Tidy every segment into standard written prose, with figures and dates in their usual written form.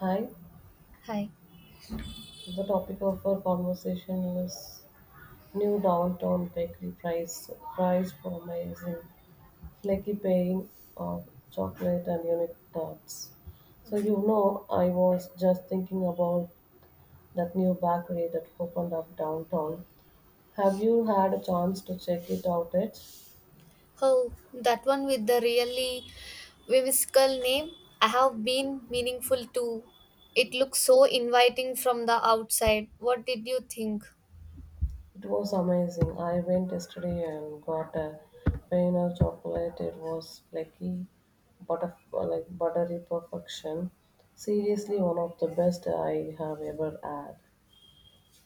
Hi. Hi. So the topic of our conversation is new downtown bakery price price promising flaky paying of chocolate and unique tarts. So I was just thinking about that new bakery that opened up downtown. Have you had a chance to check it out yet? Oh, that one with the really whimsical name. I have been meaningful too. It looks so inviting from the outside. What did you think? It was amazing. I went yesterday and got a plain of chocolate. It was flaky, butter, like buttery perfection. Seriously, one of the best I have ever had.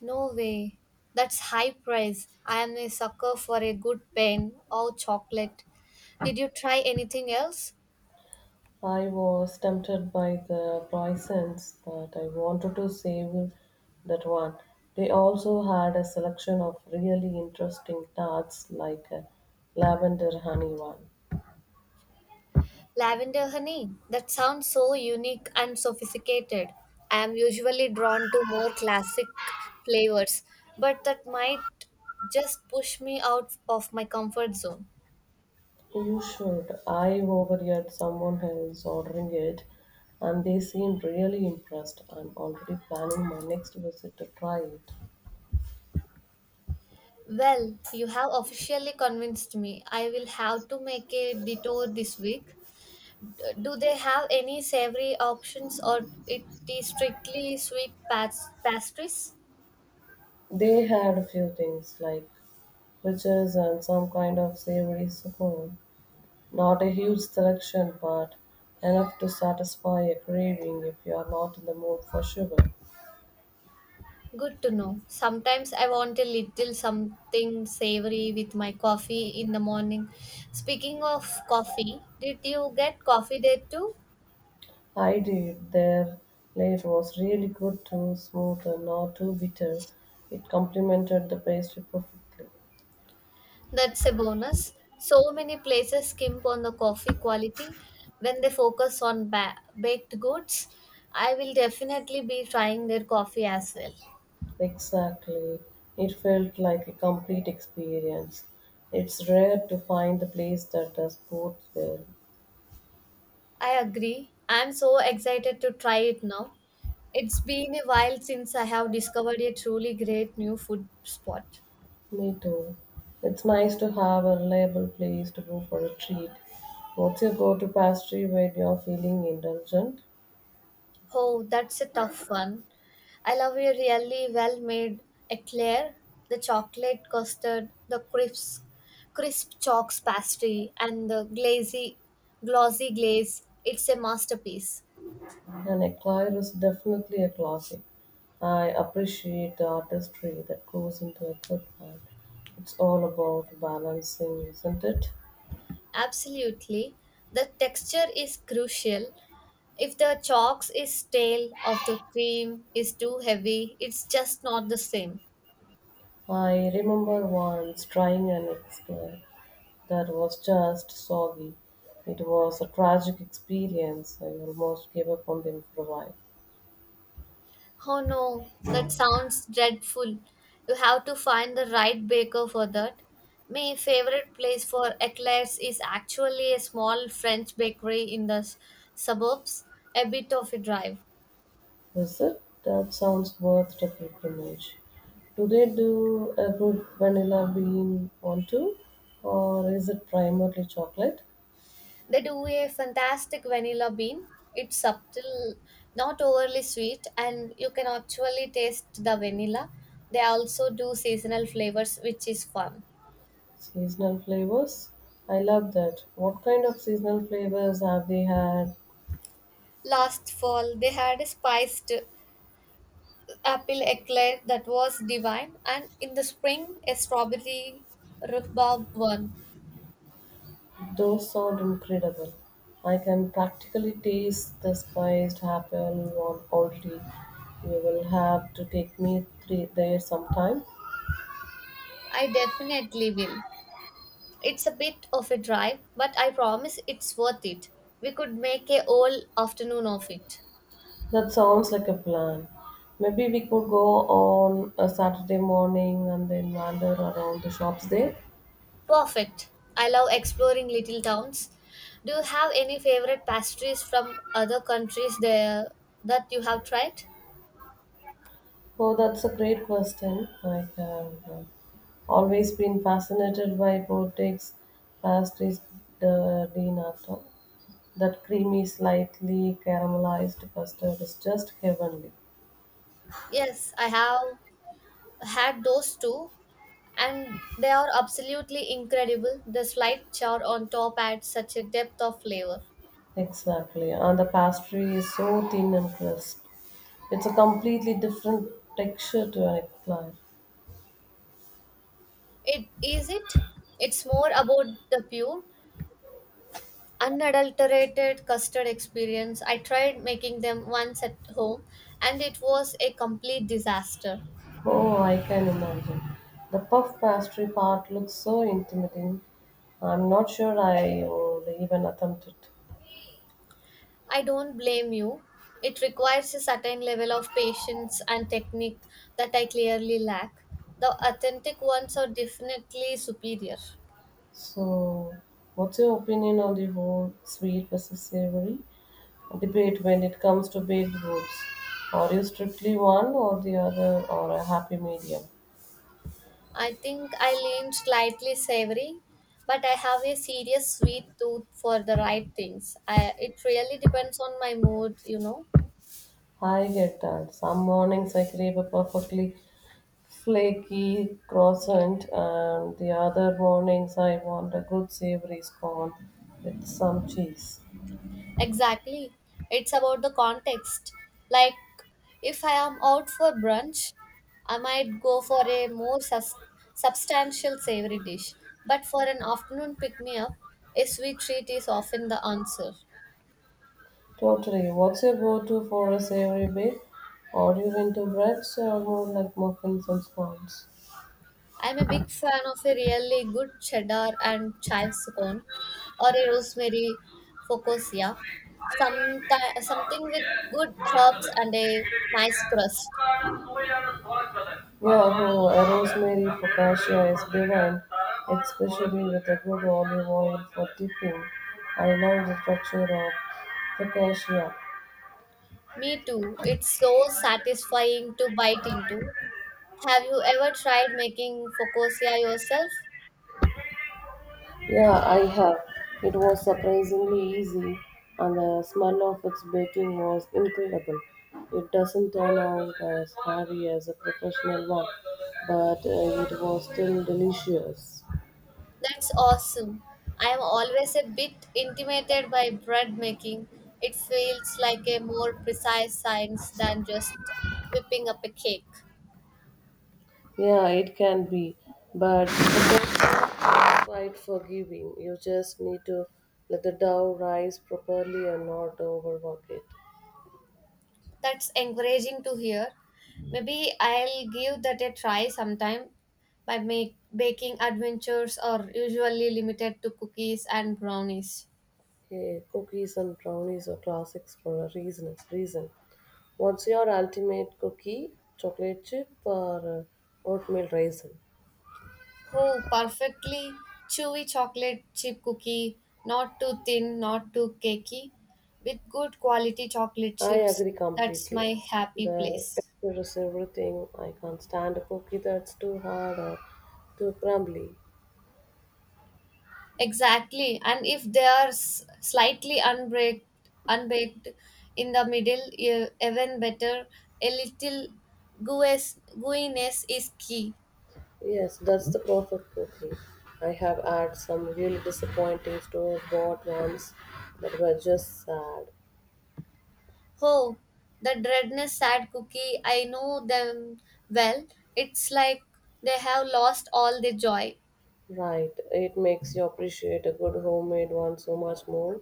No way. That's high price. I am a sucker for a good pen or chocolate. Did you try anything else? I was tempted by the croissants, but I wanted to save that one. They also had a selection of really interesting tarts, like a lavender honey one. Lavender honey? That sounds so unique and sophisticated. I am usually drawn to more classic flavors, but that might just push me out of my comfort zone. You should. I overheard someone else ordering it and they seemed really impressed. I'm already planning my next visit to try it. Well, you have officially convinced me. I will have to make a detour this week. Do they have any savory options or it is strictly sweet pastries? They had a few things like fritters and some kind of savory scone. Not a huge selection, but enough to satisfy a craving if you are not in the mood for sugar. Good to know. Sometimes I want a little something savory with my coffee in the morning. Speaking of coffee, did you get coffee there too? I did. Their late was really good too, smooth and not too bitter. It complemented the pastry perfectly. That's a bonus. So many places skimp on the coffee quality when they focus on baked goods. I will definitely be trying their coffee as well. Exactly. It felt like a complete experience. It's rare to find a place that does both well. I agree. I'm so excited to try it now. It's been a while since I have discovered a truly great new food spot. Me too. It's nice to have a reliable place to go for a treat. What's your go to pastry when you're feeling indulgent? Oh, that's a tough one. I love a really well made eclair, the chocolate custard, the crisp chalks pastry, and the glazy, glossy glaze. It's a masterpiece. An eclair is definitely a classic. I appreciate the artistry that goes into a good one. It's all about balancing, isn't it? Absolutely. The texture is crucial. If the chalks is stale, or the cream is too heavy, it's just not the same. I remember once trying an eclair that was just soggy. It was a tragic experience. I almost gave up on them for a while. Oh no, that sounds dreadful. You have to find the right baker for that. My favorite place for eclairs is actually a small French bakery in the suburbs, a bit of a drive. Is it? That sounds worth the pilgrimage. Do they do a good vanilla bean one too? Or is it primarily chocolate? They do a fantastic vanilla bean. It's subtle, not overly sweet, and you can actually taste the vanilla. They also do seasonal flavors, which is fun. Seasonal flavors? I love that. What kind of seasonal flavors have they had? Last fall, they had a spiced apple eclair that was divine, and in the spring, a strawberry rhubarb one. Those sound incredible. I can practically taste the spiced apple one already. You will have to take me three there sometime. I definitely will. It's a bit of a drive, but I promise it's worth it. We could make a whole afternoon of it. That sounds like a plan. Maybe we could go on a Saturday morning and then wander around the shops there. Perfect. I love exploring little towns. Do you have any favorite pastries from other countries there that you have tried? Oh, that's a great question. I have always been fascinated by boutiques, pastries, the dinner. So that creamy, slightly caramelized custard is just heavenly. Yes, I have had those too. And they are absolutely incredible. The slight char on top adds such a depth of flavor. Exactly. And the pastry is so thin and crisp. It's a completely different texture to an eclair. It is it. It's more about the pure, unadulterated custard experience. I tried making them once at home, and it was a complete disaster. Oh, I can imagine. The puff pastry part looks so intimidating. I'm not sure I would even attempt it. I don't blame you. It requires a certain level of patience and technique that I clearly lack. The authentic ones are definitely superior. So, what's your opinion on the whole sweet versus savory debate when it comes to baked goods? Are you strictly one or the other, or a happy medium? I think I lean slightly savory, but I have a serious sweet tooth for the right things. I, it really depends on my mood. I get that. Some mornings I crave a perfectly flaky croissant, and the other mornings I want a good savory scone with some cheese. Exactly. It's about the context. Like, if I am out for brunch, I might go for a more substantial savory dish. But for an afternoon pick me up, a sweet treat is often the answer. Totally. What's your go-to for a savory bake? Are you into breads or more like muffins and scones? I'm a big fan of a really good cheddar and chive scone or a rosemary focaccia. Some Something with good herbs and a nice crust. Yeah, no, rosemary focaccia is divine, especially with a good olive oil for dipping. I love the texture of focaccia. Me too. It's so satisfying to bite into. Have you ever tried making focaccia yourself? Yeah, I have. It was surprisingly easy, and the smell of its baking was incredible. It doesn't turn out as heavy as a professional one, but it was still delicious. That's awesome. I am always a bit intimidated by bread making. It feels like a more precise science than just whipping up a cake. Yeah, it can be, but it's quite forgiving. You just need to let the dough rise properly and not overwork it. That's encouraging to hear. Maybe I'll give that a try sometime baking adventures are usually limited to cookies and brownies. Hey, cookies and brownies are classics for a reason. Reason. What's your ultimate cookie? Chocolate chip or oatmeal raisin? Oh, perfectly chewy chocolate chip cookie, not too thin, not too cakey, with good quality chocolate I chips. agree That's completely. my happy The place. texture is everything. I can't stand a cookie that's too hard or too crumbly. Exactly. And if they are slightly unbaked in the middle, even better, a little gooiness is key. Yes, that's the perfect cookie. I have had some really disappointing store bought ones that were just sad. Oh, the dreadness sad cookie, I know them well. It's like they have lost all their joy. Right. It makes you appreciate a good homemade one so much more.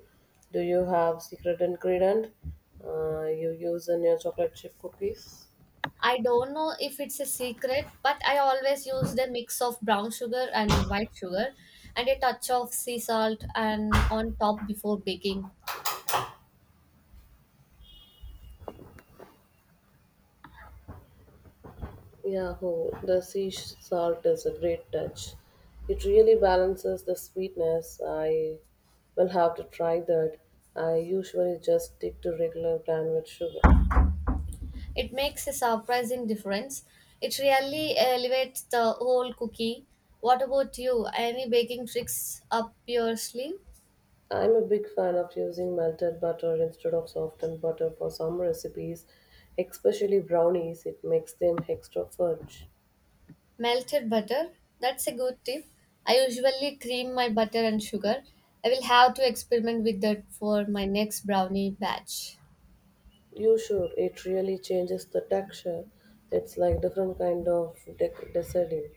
Do you have secret ingredient you use in your chocolate chip cookies? I don't know if it's a secret, but I always use the mix of brown sugar and white sugar and a touch of sea salt and on top before baking. Yeah, oh, the sea salt is a great touch. It really balances the sweetness. I will have to try that. I usually just stick to regular plan with sugar. It makes a surprising difference. It really elevates the whole cookie. What about you? Any baking tricks up your sleeve? I'm a big fan of using melted butter instead of softened butter for some recipes, especially brownies. It makes them extra fudge. Melted butter? That's a good tip. I usually cream my butter and sugar. I will have to experiment with that for my next brownie batch. You should. It really changes the texture. It's like different kind of deciding.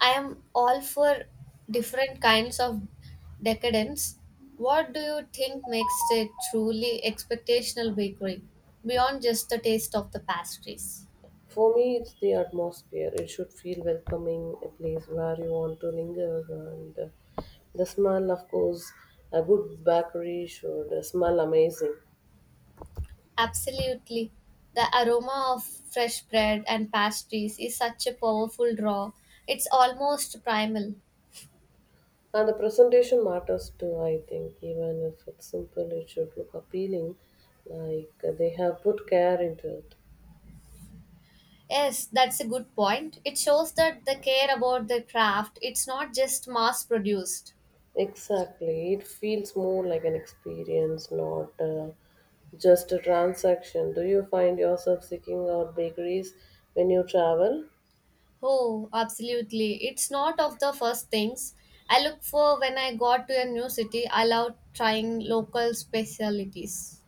I am all for different kinds of decadence. What do you think makes a truly expectational bakery beyond just the taste of the pastries? For me, it's the atmosphere. It should feel welcoming, a place where you want to linger, and the smell, of course, a good bakery should smell amazing. Absolutely. The aroma of fresh bread and pastries is such a powerful draw. It's almost primal. And the presentation matters too, I think. Even if it's simple, it should look appealing, like they have put care into it. Yes, that's a good point. It shows that the care about the craft, it's not just mass produced. Exactly. It feels more like an experience, not just a transaction. Do you find yourself seeking out bakeries when you travel? Oh, absolutely. It's not of the first things I look for when I got to a new city. I love trying local specialties.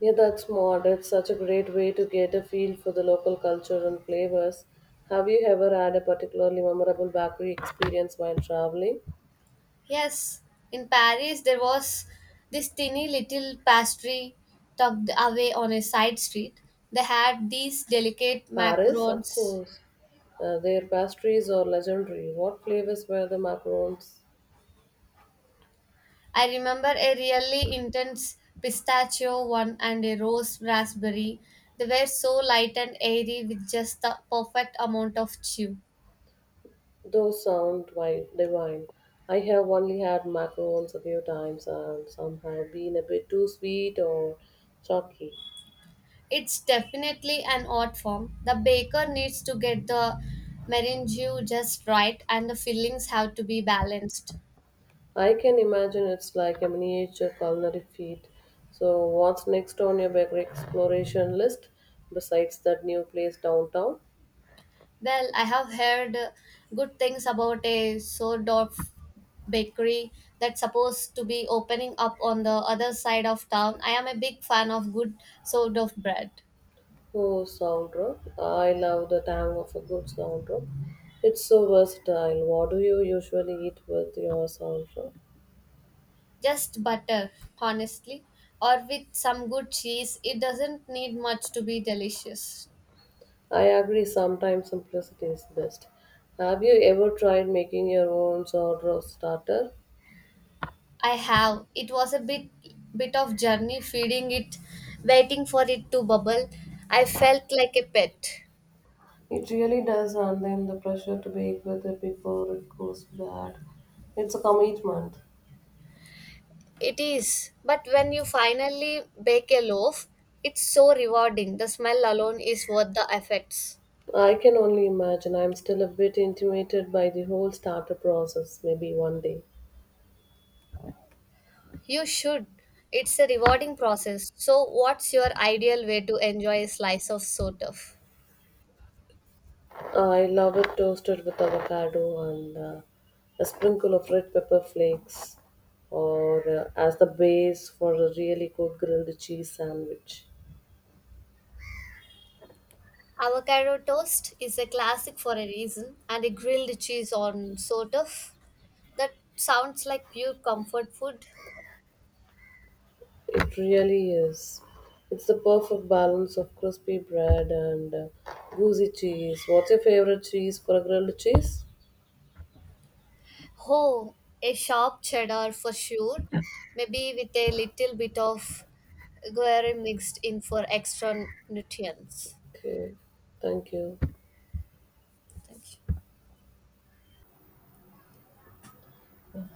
Yeah, that's smart. It's such a great way to get a feel for the local culture and flavors. Have you ever had a particularly memorable bakery experience while traveling? Yes, in Paris there was this tiny little pastry tucked away on a side street. They had these delicate Paris, of macarons. course. Their pastries are legendary. What flavors were the macarons? I remember a really intense pistachio one and a rose raspberry. They were so light and airy with just the perfect amount of chew. Those sound divine. I have only had macarons a few times and some have been a bit too sweet or chalky. It's definitely an art form. The baker needs to get the meringue just right and the fillings have to be balanced. I can imagine it's like a miniature culinary feat. So, what's next on your bakery exploration list besides that new place downtown? Well, I have heard good things about a Sordorf bakery that's supposed to be opening up on the other side of town. I am a big fan of good Sordorf bread. Oh, soundtrack. I love the tang of a good soundtrack. It's so versatile. What do you usually eat with your soundtrack? Just butter, honestly, or with some good cheese. It doesn't need much to be delicious. I agree, sometimes simplicity is best. Have you ever tried making your own sourdough starter? I have. It was a bit of journey feeding it, waiting for it to bubble. I felt like a pet. It really does, and then the pressure to bake with it before it goes bad. It's a commitment. It is, but when you finally bake a loaf, it's so rewarding. The smell alone is worth the effects. I can only imagine. I'm still a bit intimidated by the whole starter process. Maybe one day. You should. It's a rewarding process. So, what's your ideal way to enjoy a slice of sort? I love it toasted with avocado and a sprinkle of red pepper flakes, or as the base for a really good grilled cheese sandwich. Avocado toast is a classic for a reason, and a grilled cheese on sort? That sounds like pure comfort food. It really is. It's the perfect balance of crispy bread and gooey cheese. What's your favorite cheese for a grilled cheese? Oh, a sharp cheddar for sure. Maybe with a little bit of guar mixed in for extra nutrients. Okay, thank you. Thank you.